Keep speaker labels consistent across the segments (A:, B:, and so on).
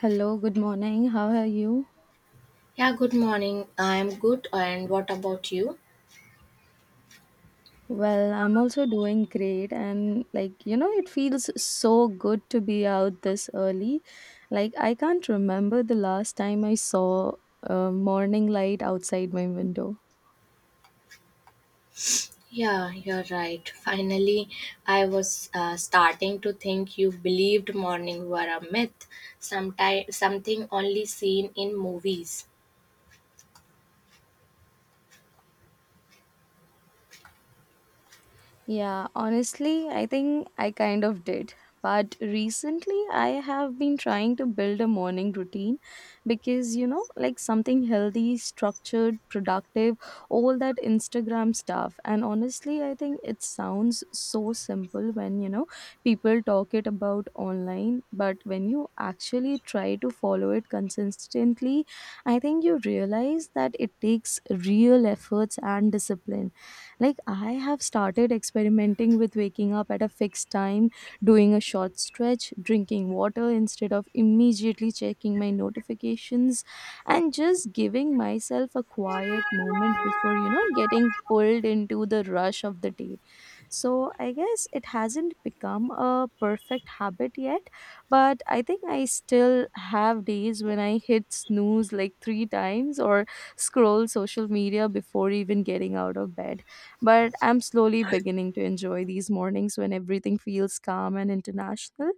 A: Hello, good morning. How are you?
B: Yeah, good morning. I'm good. And what about you?
A: Well, I'm also doing great, and like it feels so good to be out this early. Like, I can't remember the last time I saw a morning light outside my window.
B: Yeah, you're right. Finally, I was starting to think you believed morning were a myth, something only seen in movies.
A: Yeah, honestly, I think I kind of did. But recently, I have been trying to build a morning routine because, like something healthy, structured, productive, all that Instagram stuff. And honestly, I think it sounds so simple when, people talk it about online. But when you actually try to follow it consistently, I think you realize that it takes real efforts and discipline. Like, I have started experimenting with waking up at a fixed time, doing a short stretch, drinking water instead of immediately checking my notifications, and just giving myself a quiet moment before, getting pulled into the rush of the day. So, I guess it hasn't become a perfect habit yet, but I think I still have days when I hit snooze like three times or scroll social media before even getting out of bed. But I'm slowly beginning to enjoy these mornings when everything feels calm and international.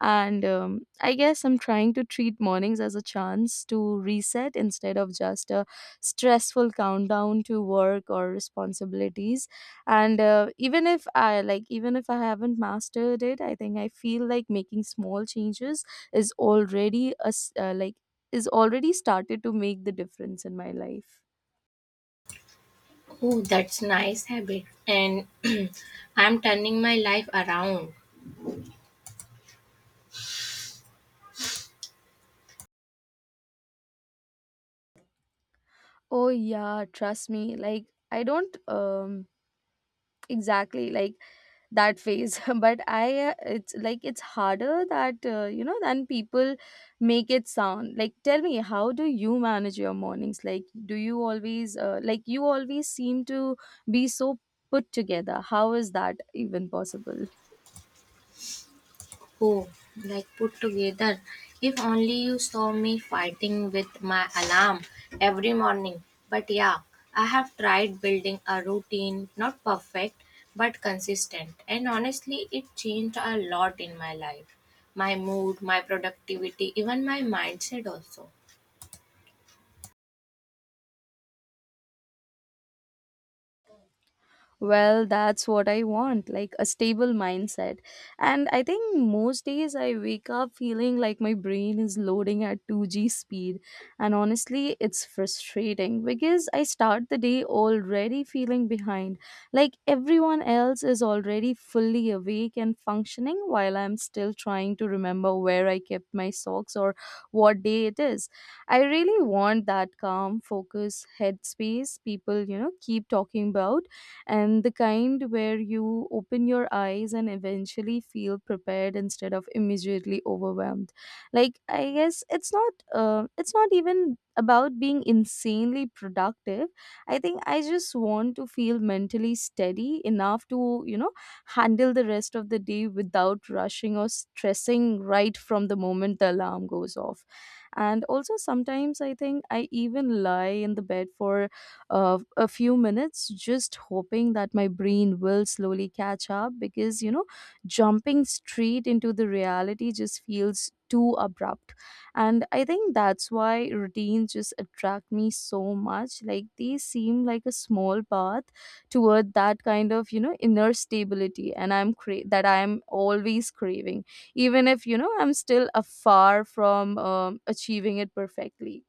A: And I guess I'm trying to treat mornings as a chance to reset instead of just a stressful countdown to work or responsibilities. And even if I haven't mastered it, I think I feel like making small changes is already a s- like is already started to make the difference in my life.
B: Oh, that's nice habit. And I'm turning my life around.
A: Oh yeah, trust me. Like I don't exactly like that phase, but I it's harder that than people make it sound. Like tell me, how do you manage your mornings? Like do you always like you always seem to be so put together. How is that even possible?
B: Oh, like put together. If only you saw me fighting with my alarm every morning. But yeah, I have tried building a routine, not perfect, but consistent. And honestly, it changed a lot in my life. My mood, my productivity, even my mindset also.
A: Well, that's what I want, like a stable mindset, and I think most days I wake up feeling like my brain is loading at 2G speed, and honestly, it's frustrating because I start the day already feeling behind. Like everyone else is already fully awake and functioning while I'm still trying to remember where I kept my socks or what day it is. I really want that calm focus headspace people keep talking about, and the kind where you open your eyes and eventually feel prepared instead of immediately overwhelmed. Like I guess it's not even about being insanely productive. I think I just want to feel mentally steady enough to handle the rest of the day without rushing or stressing right from the moment the alarm goes off. And also sometimes I think I even lie in the bed for a few minutes, just hoping that my brain will slowly catch up because, jumping straight into the reality just feels too abrupt. And I think that's why routines just attract me so much. Like they seem like a small path toward that kind of, inner stability and that I'm always craving, even if, I'm still afar from achieving it perfectly.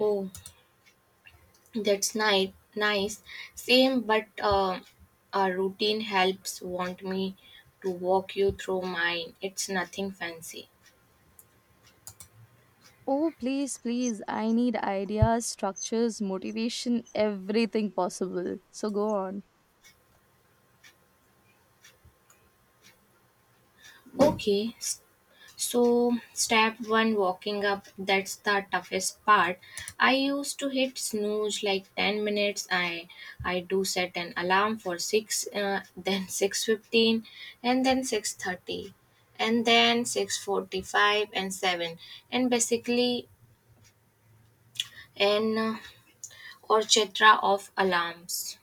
B: Oh, that's nice. Nice. Same, but a routine helps. Want me to walk you through mine. It's nothing fancy.
A: Oh, please, please. I need ideas, structures, motivation, everything possible. So go on.
B: Okay, so step one walking up, that's the toughest part. I used to hit snooze like 10 minutes. I do set an alarm for 6, then 6:15, and then 6:30, and then 6:45 and 7, and basically an orchestra of alarms.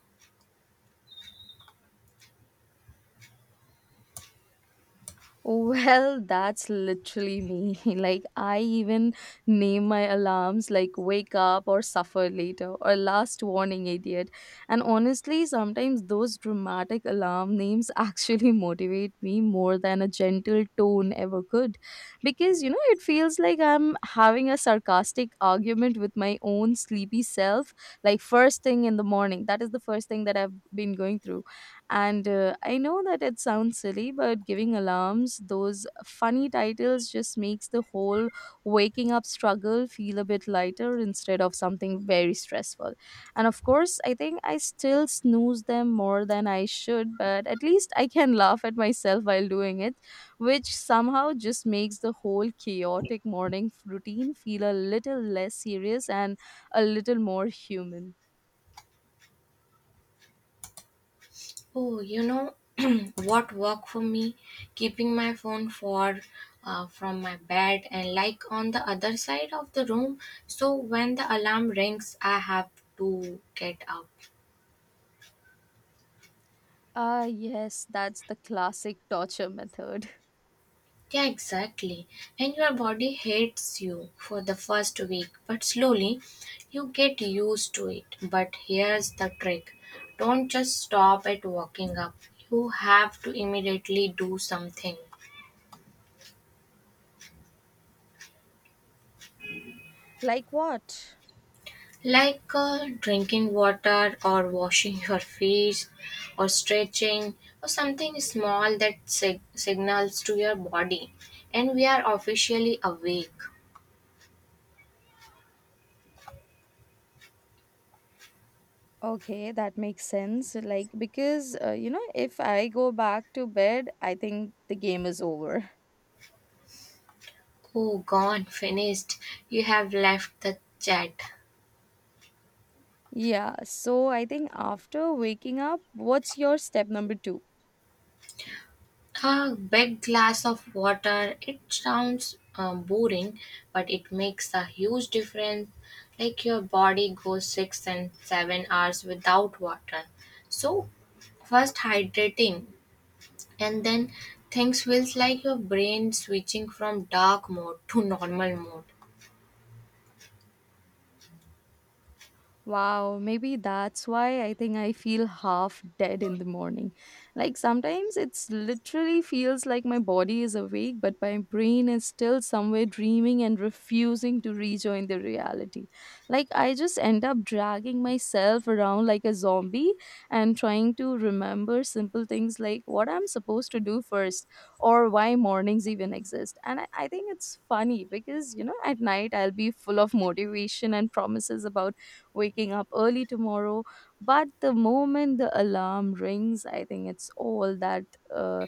A: Well, that's literally me. Like, I even name my alarms like wake up or suffer later or last warning, idiot. And honestly, sometimes those dramatic alarm names actually motivate me more than a gentle tone ever could. Because, it feels like I'm having a sarcastic argument with my own sleepy self. Like, first thing in the morning, that is the first thing that I've been going through, and I know that it sounds silly, but giving alarms those funny titles just makes the whole waking up struggle feel a bit lighter instead of something very stressful. And of course, I think I still snooze them more than I should, but at least I can laugh at myself while doing it, which somehow just makes the whole chaotic morning routine feel a little less serious and a little more human.
B: Oh, you know what worked for me? Keeping my phone far, from my bed and like on the other side of the room. So when the alarm rings, I have to get up.
A: Ah, yes, that's the classic torture method.
B: Yeah, exactly. And your body hates you for the first week, but slowly you get used to it. But here's the trick, don't just stop at walking up, you have to immediately do something.
A: Like what?
B: Like drinking water or washing your face or stretching or something small that signals to your body, and we are officially awake.
A: Okay, that makes sense. Like, because, if I go back to bed, I think the game is over.
B: Oh, gone, finished. You have left the chat.
A: Yeah, so I think after waking up, what's your step number two?
B: A big glass of water, it sounds boring, but it makes a huge difference. Like your body goes 6 and 7 hours without water. So, first hydrating and then things feels like your brain switching from dark mode to normal mode.
A: Wow, maybe that's why I think I feel half dead in the morning. Like sometimes it's literally feels like my body is awake, but my brain is still somewhere dreaming and refusing to rejoin the reality. Like I just end up dragging myself around like a zombie and trying to remember simple things like what I'm supposed to do first or why mornings even exist. And I think it's funny because, at night I'll be full of motivation and promises about waking up early tomorrow. But the moment the alarm rings, I think it's all that uh,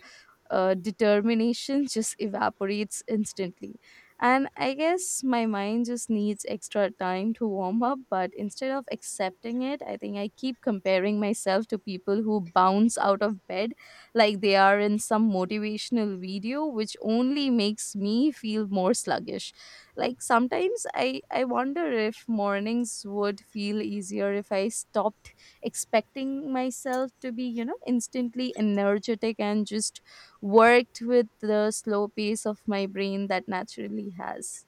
A: determination just evaporates instantly. And I guess my mind just needs extra time to warm up, but instead of accepting it, I think I keep comparing myself to people who bounce out of bed like they are in some motivational video, which only makes me feel more sluggish. Like sometimes I wonder if mornings would feel easier if I stopped expecting myself to be, instantly energetic and just worked with the slow pace of my brain that naturally has.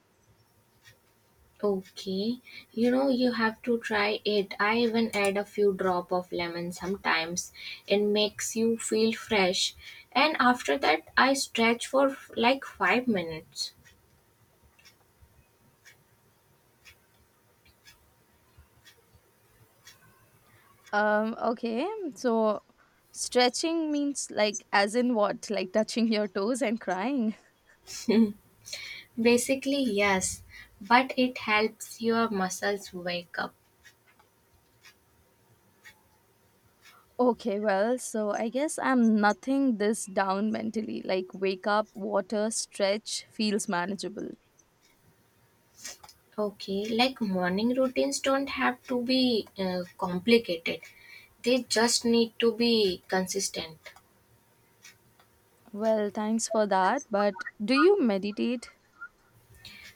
B: Okay, you know you have to try it. I even add a few drop of lemon sometimes. It makes you feel fresh. And after that I stretch for like 5 minutes.
A: Okay, so stretching means like, as in what? Like touching your toes and crying.
B: Basically yes, but it helps your muscles wake up.
A: Okay, well, so I guess I'm nothing this down mentally. Like, wake up, water, stretch feels manageable.
B: Okay, like morning routines don't have to be complicated. They just need to be consistent.
A: Well, thanks for that. But do you meditate?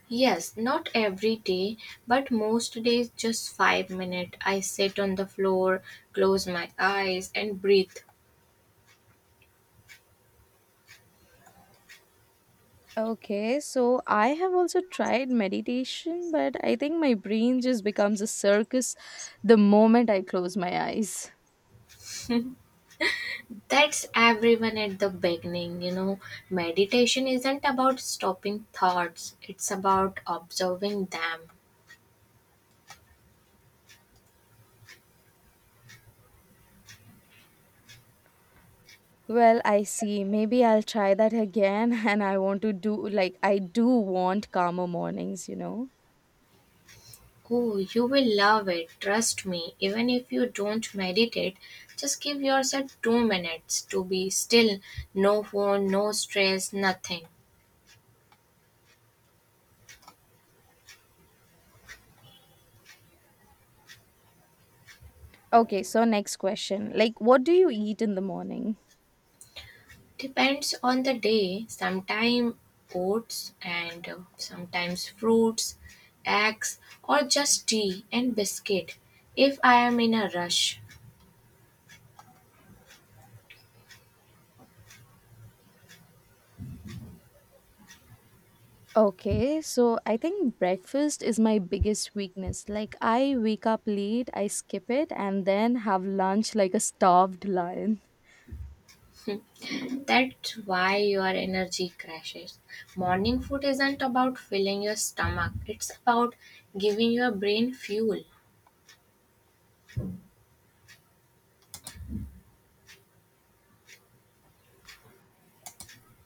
B: Yes, not every day, but most days just 5 minutes. I sit on the floor, close my eyes and breathe.
A: Okay, so I have also tried meditation, but I think my brain just becomes a circus the moment I close my eyes.
B: That's everyone at the beginning, you know. Meditation isn't about stopping thoughts, it's about observing them.
A: Well, I see. Maybe I'll try that again, and I want to do like I do want calmer mornings.
B: Oh, you will love it, trust me. Even if you don't meditate, just give yourself 2 minutes to be still. No phone, no stress, nothing.
A: Okay, so next question. Like, what do you eat in the morning?
B: Depends on the day. Sometimes oats, and sometimes fruits, eggs, or just tea and biscuit if I am in a rush.
A: Okay, so I think breakfast is my biggest weakness. Like, I wake up late, I skip it, and then have lunch like a starved lion.
B: That's why your energy crashes. Morning food isn't about filling your stomach, it's about giving your brain fuel.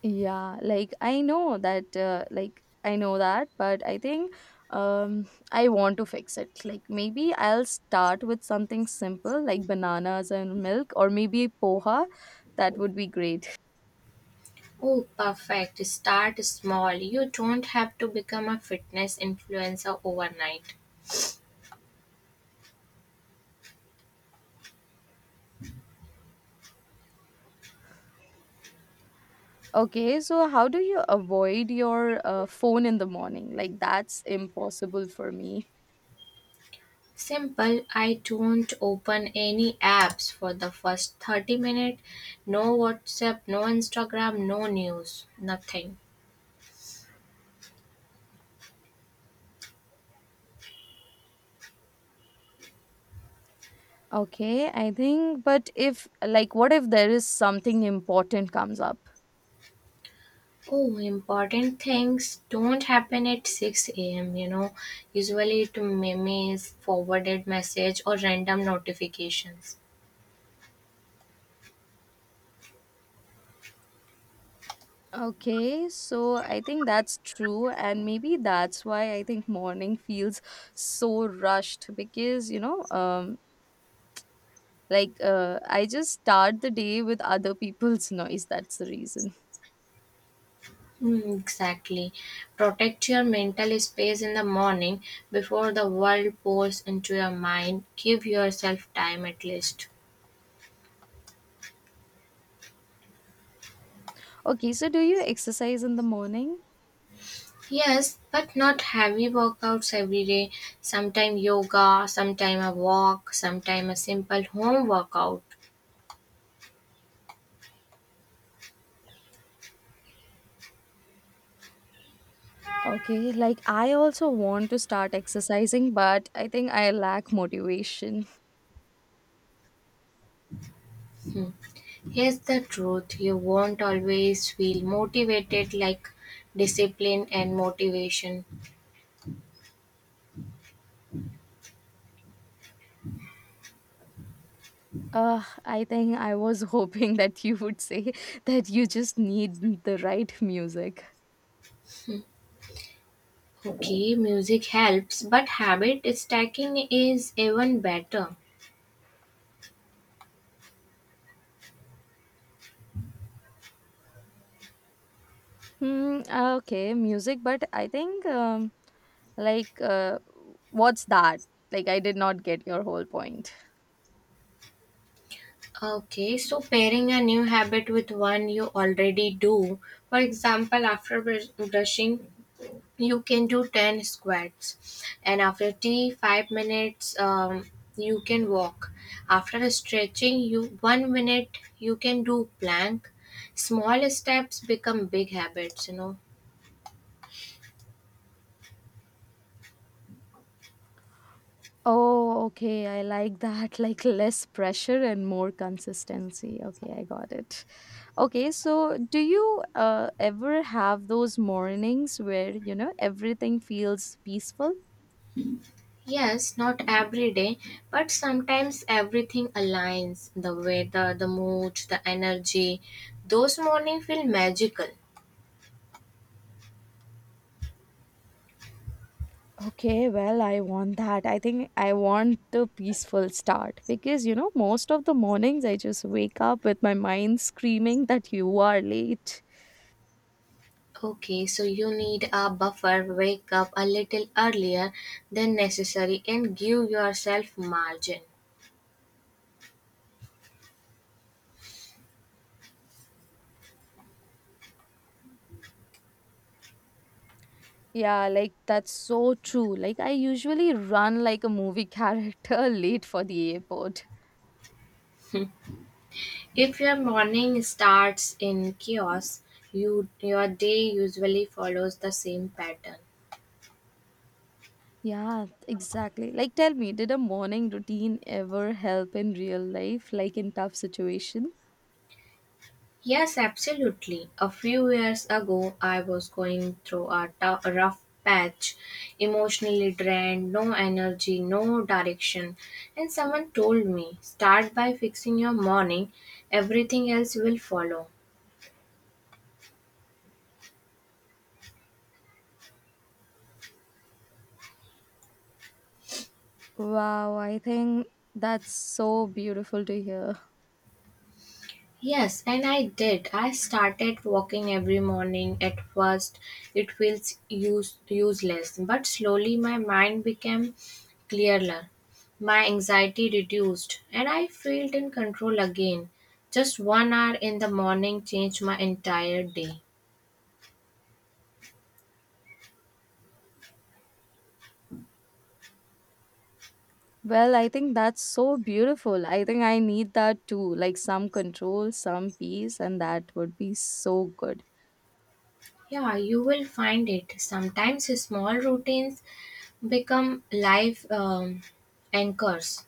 A: Yeah, like I know that, but I think I want to fix it. Like maybe I'll start with something simple like bananas and milk, or maybe poha. That would be great.
B: Oh, perfect. Start small. You don't have to become a fitness influencer overnight.
A: Okay, so how do you avoid your phone in the morning? Like that's impossible for me.
B: Simple. I don't open any apps for the first 30 minutes. No WhatsApp, no Instagram, no news, nothing.
A: Okay, I think, but if like, what if there is something important comes up?
B: Oh, important things don't happen at 6 a.m. You know, usually it memes, forwarded message, or random notifications.
A: Okay, so I think that's true, and maybe that's why I think morning feels so rushed because I just start the day with other people's noise. That's the reason.
B: Mm, exactly. Protect your mental space in the morning before the world pours into your mind. Give yourself time at least.
A: Okay, so do you exercise in the morning?
B: Yes, but not heavy workouts every day. Sometime yoga, sometime a walk, sometime a simple home workout.
A: Okay, like I also want to start exercising, but I think I lack motivation.
B: Hmm. Here's the truth, you won't always feel motivated, like discipline and motivation.
A: I think I was hoping that you would say that you just need the right music.
B: Okay, music helps, but habit stacking is even better.
A: Hmm. Okay, music, but I think like uh, what's that? Like I did not get your whole point.
B: Okay, so pairing a new habit with one you already do. For example, after brushing, you can do 10 squats, and after tea, 5 minutes, you can walk. After stretching, you 1 minute, you can do plank. Small steps become big habits, you know.
A: Oh, okay. I like that. Like less pressure and more consistency. Okay, I got it. Okay, so do you ever have those mornings where, everything feels peaceful?
B: Yes, not every day, but sometimes everything aligns, the weather, the mood, the energy. Those mornings feel magical.
A: Okay, well, I want that. I think I want the peaceful start because, most of the mornings I just wake up with my mind screaming that you are late.
B: Okay, so you need a buffer, wake up a little earlier than necessary, and give yourself margin.
A: Yeah, like that's so true. Like I usually run like a movie character late for the airport.
B: If your morning starts in chaos, your day usually follows the same pattern.
A: Yeah, exactly. Like tell me, did a morning routine ever help in real life, like in tough situation?
B: Yes, absolutely. A few years ago, I was going through a rough patch, emotionally drained, no energy, no direction. And someone told me, start by fixing your morning, everything else will follow.
A: Wow, I think that's so beautiful to hear.
B: Yes, and I did. I started walking every morning. At first, it feels useless, but slowly my mind became clearer. My anxiety reduced, and I felt in control again. Just 1 hour in the morning changed my entire day.
A: Well, I think that's so beautiful. I think I need that too, like some control, some peace, and that would be so good.
B: Yeah, you will find it. Sometimes small routines become life anchors.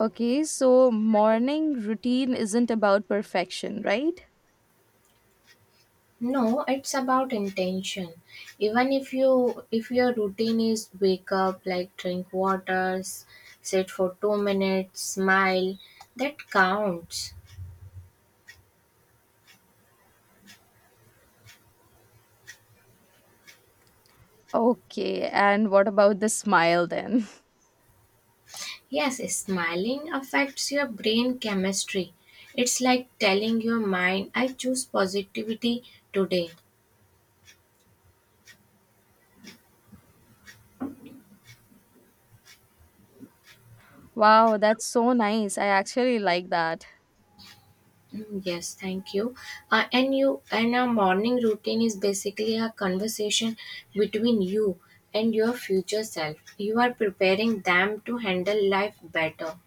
A: Okay, so morning routine isn't about perfection, right?
B: No, it's about intention. Even if you if your routine is wake up, like drink water, sit for 2 minutes, smile, that counts.
A: Okay, and what about the smile then?
B: Yes, smiling affects your brain chemistry. It's like telling your mind, I choose positivity today.
A: Wow, that's so nice. I actually like that.
B: Mm, yes, thank you. And our morning routine is basically a conversation between you and your future self. You are preparing them to handle life better.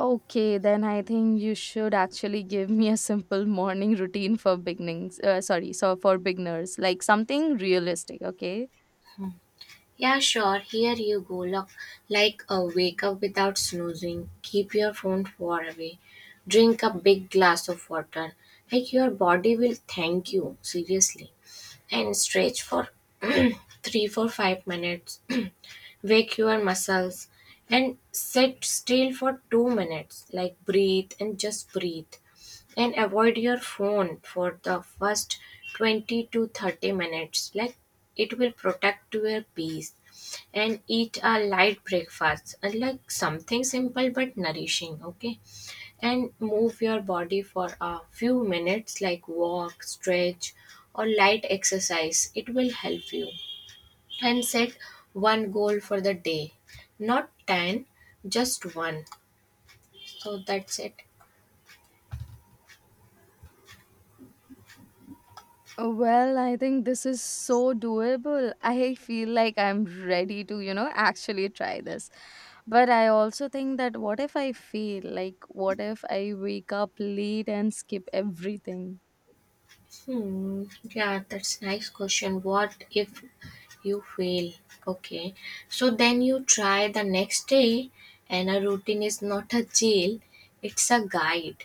A: Okay, then I think you should actually give me a simple morning routine for beginnings. Sorry, so for beginners, like something realistic, okay?
B: Yeah, sure. Here you go. Look, like a wake up without snoozing. Keep your phone far away. Drink a big glass of water. Like your body will thank you seriously. And stretch for 3, 4, 5 minutes. Wake your muscles and sit still for 2 minutes, like breathe and just breathe. And avoid your phone for the first 20 to 30 minutes, like it will protect your peace. And eat a light breakfast, and like something simple but nourishing. Okay, and move your body for a few minutes, like walk, stretch or light exercise, it will help you. And set one goal for the day, not 10, just one. So that's it.
A: Well, I think this is so doable. I feel like I'm ready to, actually try this. But I also think that what if I fail? Like, what if I wake up late and skip everything?
B: Hmm, yeah, that's nice question. What if you fail? Okay, so then you try the next day. And a routine is not a jail, it's a guide.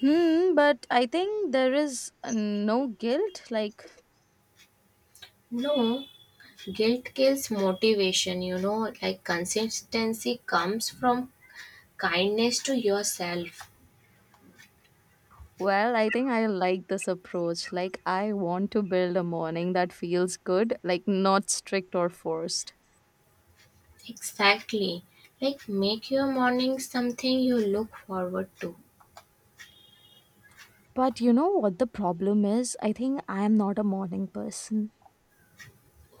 A: Hmm, but I think there is no guilt. Like,
B: No, guilt kills motivation, you know, like consistency comes from kindness to yourself.
A: well, I think I like this approach. Like, I want to build a morning that feels good, like, not strict or forced.
B: Exactly. Like make your morning something you look forward to.
A: But you know what the problem is? I think I am not a morning person.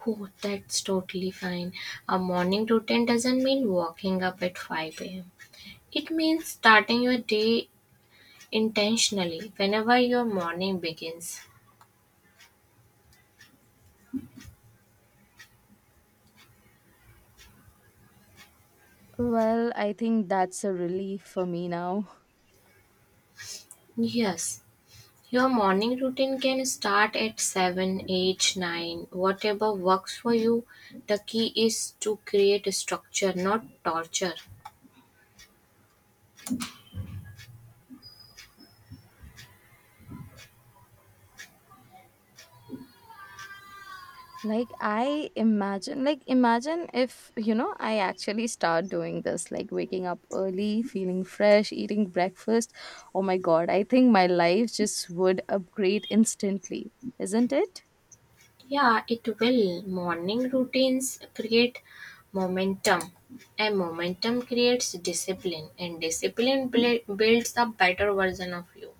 B: Oh, that's totally fine. A morning routine doesn't mean waking up at 5 a.m. It means starting your day intentionally whenever your morning begins.
A: Well, I think that's a relief for me now.
B: Yes, your morning routine can start at 7, 8, 9, whatever works for you. The key is to create a structure, not torture.
A: Like I imagine, if, I actually start doing this, like waking up early, feeling fresh, eating breakfast. Oh my god, I think my life just would upgrade instantly, isn't it?
B: Yeah, it will. Morning routines create momentum, and momentum creates discipline, and discipline builds a better version of you.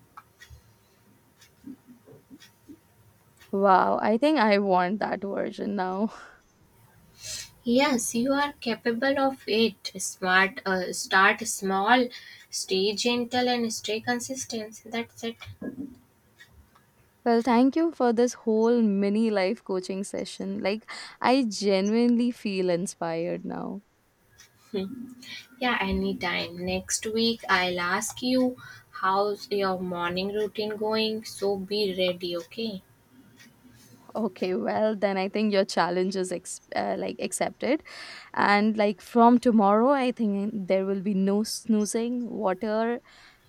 A: Wow, I think I want that version now.
B: Yes, you are capable of it. Smart, start small, stay gentle, and stay consistent. That's it.
A: Well, thank you for this whole mini life coaching session. Like I genuinely feel inspired now.
B: Yeah, anytime. Next week, I'll ask you how's your morning routine going. So be ready, okay?
A: Okay, well then I think your challenge is accepted, and like from tomorrow, I think there will be no snoozing, water,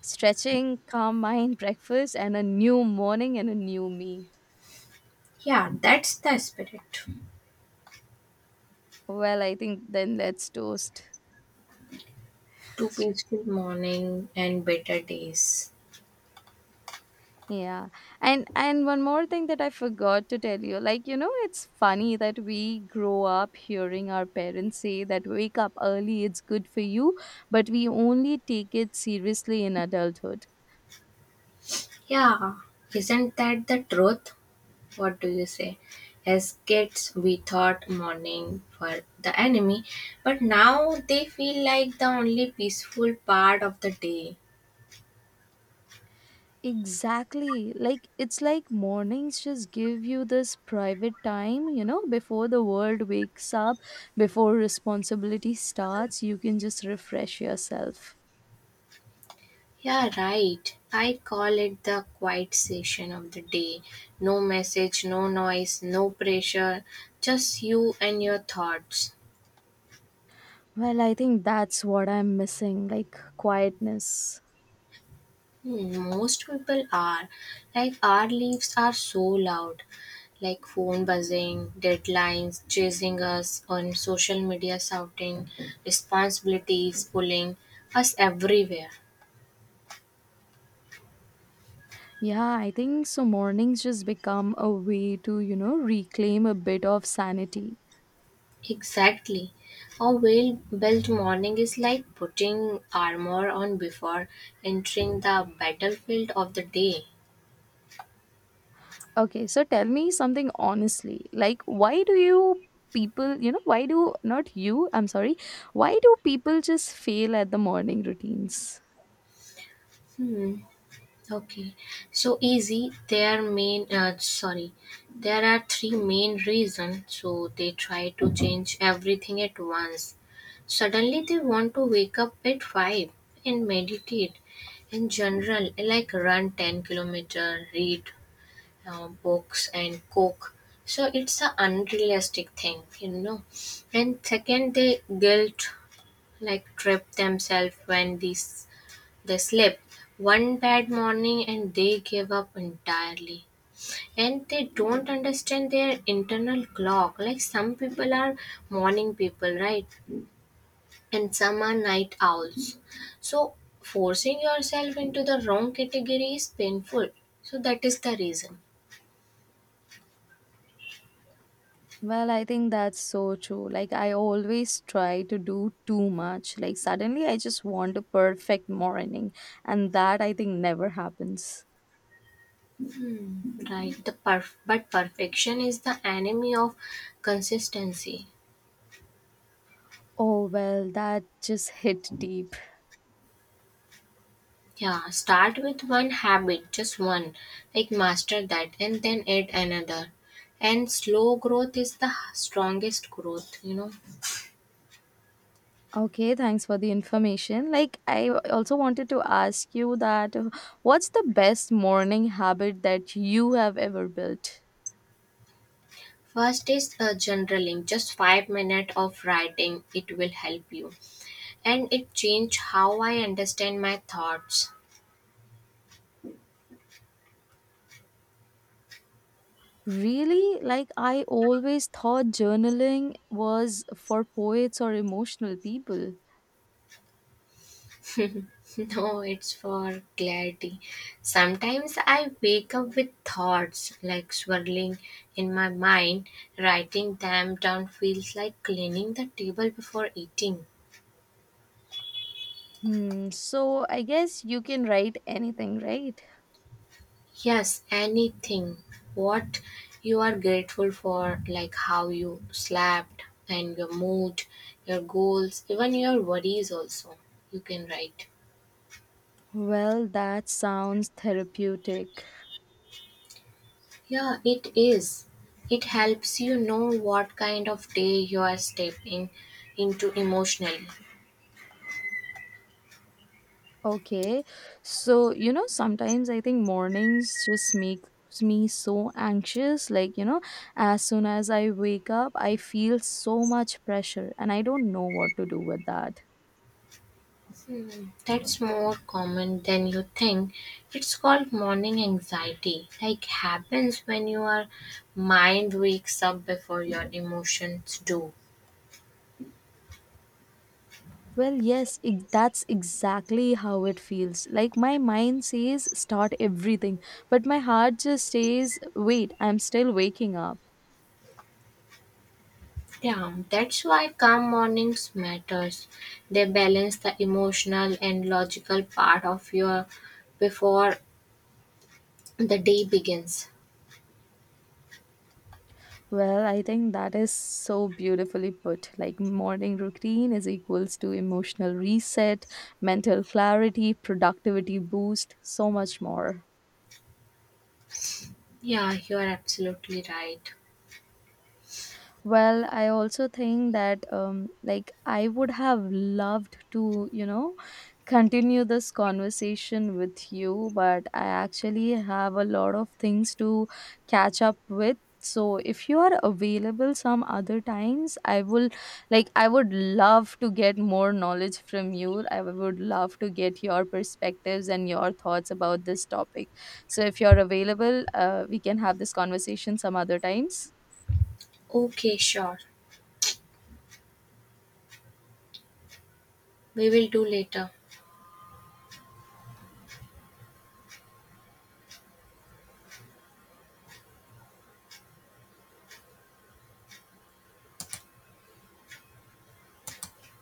A: stretching, calm mind, breakfast, and a new morning and a new me.
B: Yeah, that's the spirit.
A: Well, I think then let's toast.
B: To peaceful morning and better days.
A: Yeah, and one more thing that I forgot to tell you, like it's funny that we grow up hearing our parents say that wake up early, it's good for you, but we only take it seriously in adulthood.
B: Yeah, isn't that the truth? What do you say? As kids, we thought morning were the enemy, but now they feel like the only peaceful part of the day.
A: Exactly. Like it's like mornings just give you this private time, before the world wakes up, before responsibility starts, you can just refresh yourself.
B: Yeah, right. I call it the quiet session of the day. No message, no noise, no pressure, just you and your thoughts.
A: Well, I think that's what I'm missing, like quietness.
B: Hmm, most people are. Like our lives are so loud. Like phone buzzing, deadlines chasing us on social media shouting, responsibilities pulling us everywhere.
A: Yeah, I think so mornings just become a way to, reclaim a bit of sanity.
B: Exactly. A well built morning is like putting armor on before entering the battlefield of the day.
A: Okay, so tell me something honestly. Like, why do you people, why do not you, I'm sorry, why do people just fail at the morning routines?
B: Hmm. Okay, so easy. There are three main reasons. So they try to change everything at once. Suddenly, they want to wake up at 5 and meditate. In general, like run 10 kilometer, read books, and cook. So it's a unrealistic thing, you know. And second, they guilt like trip themselves when these they slept one bad morning and they gave up entirely. And they don't understand their internal clock. Like some people are morning people, right? And some are night owls. So forcing yourself into the wrong category is painful. So that is the reason,
A: Well, I think that's so true. Like, I always try to do too much. Like, suddenly I just want a perfect morning, and that I think never happens.
B: right? But perfection is the enemy of consistency.
A: Oh, well, that just hit deep.
B: Yeah, start with one habit, just one, like master that and then add another. And slow growth is the strongest growth, you know.
A: Okay, thanks for the information. Like, I also wanted to ask you that what's the best morning habit that you have ever built?
B: First is journaling, just 5 minutes of writing, it will help you. And it changed how I understand my thoughts.
A: Really? Like, I always thought journaling was for poets or emotional people.
B: No, it's for clarity. Sometimes I wake up with thoughts like swirling in my mind. Writing them down feels like cleaning the table before eating.
A: Hmm, so I guess you can write anything, right?
B: Yes, anything. What you are grateful for, like how you slept and your mood, your goals, even your worries, also. You can write.
A: Well, that sounds therapeutic.
B: Yeah, it is. It helps you know what kind of day you are stepping into emotionally.
A: Okay. So, sometimes I think mornings just make me so anxious. Like, as soon as I wake up, I feel so much pressure and I don't know what to do with that.
B: Hmm, that's more common than you think. It's called morning anxiety. Like happens when your mind wakes up before your emotions do.
A: Well, yes, that's exactly how it feels. Like my mind says start everything, but my heart just says wait, I'm still waking up.
B: Yeah, that's why calm mornings matters. They balance the emotional and logical part of your before the day begins.
A: Well, I think that is so beautifully put. Like morning routine is equals to emotional reset, mental clarity, productivity boost, so much more.
B: Yeah, you are absolutely right.
A: Well, I also think that like I would have loved to, continue this conversation with you, but I actually have a lot of things to catch up with. So if you are available some other times, I will like I would love to get more knowledge from you. I would love to get your perspectives and your thoughts about this topic. So if you're available, we can have this conversation some other times.
B: Okay, sure. We will do later.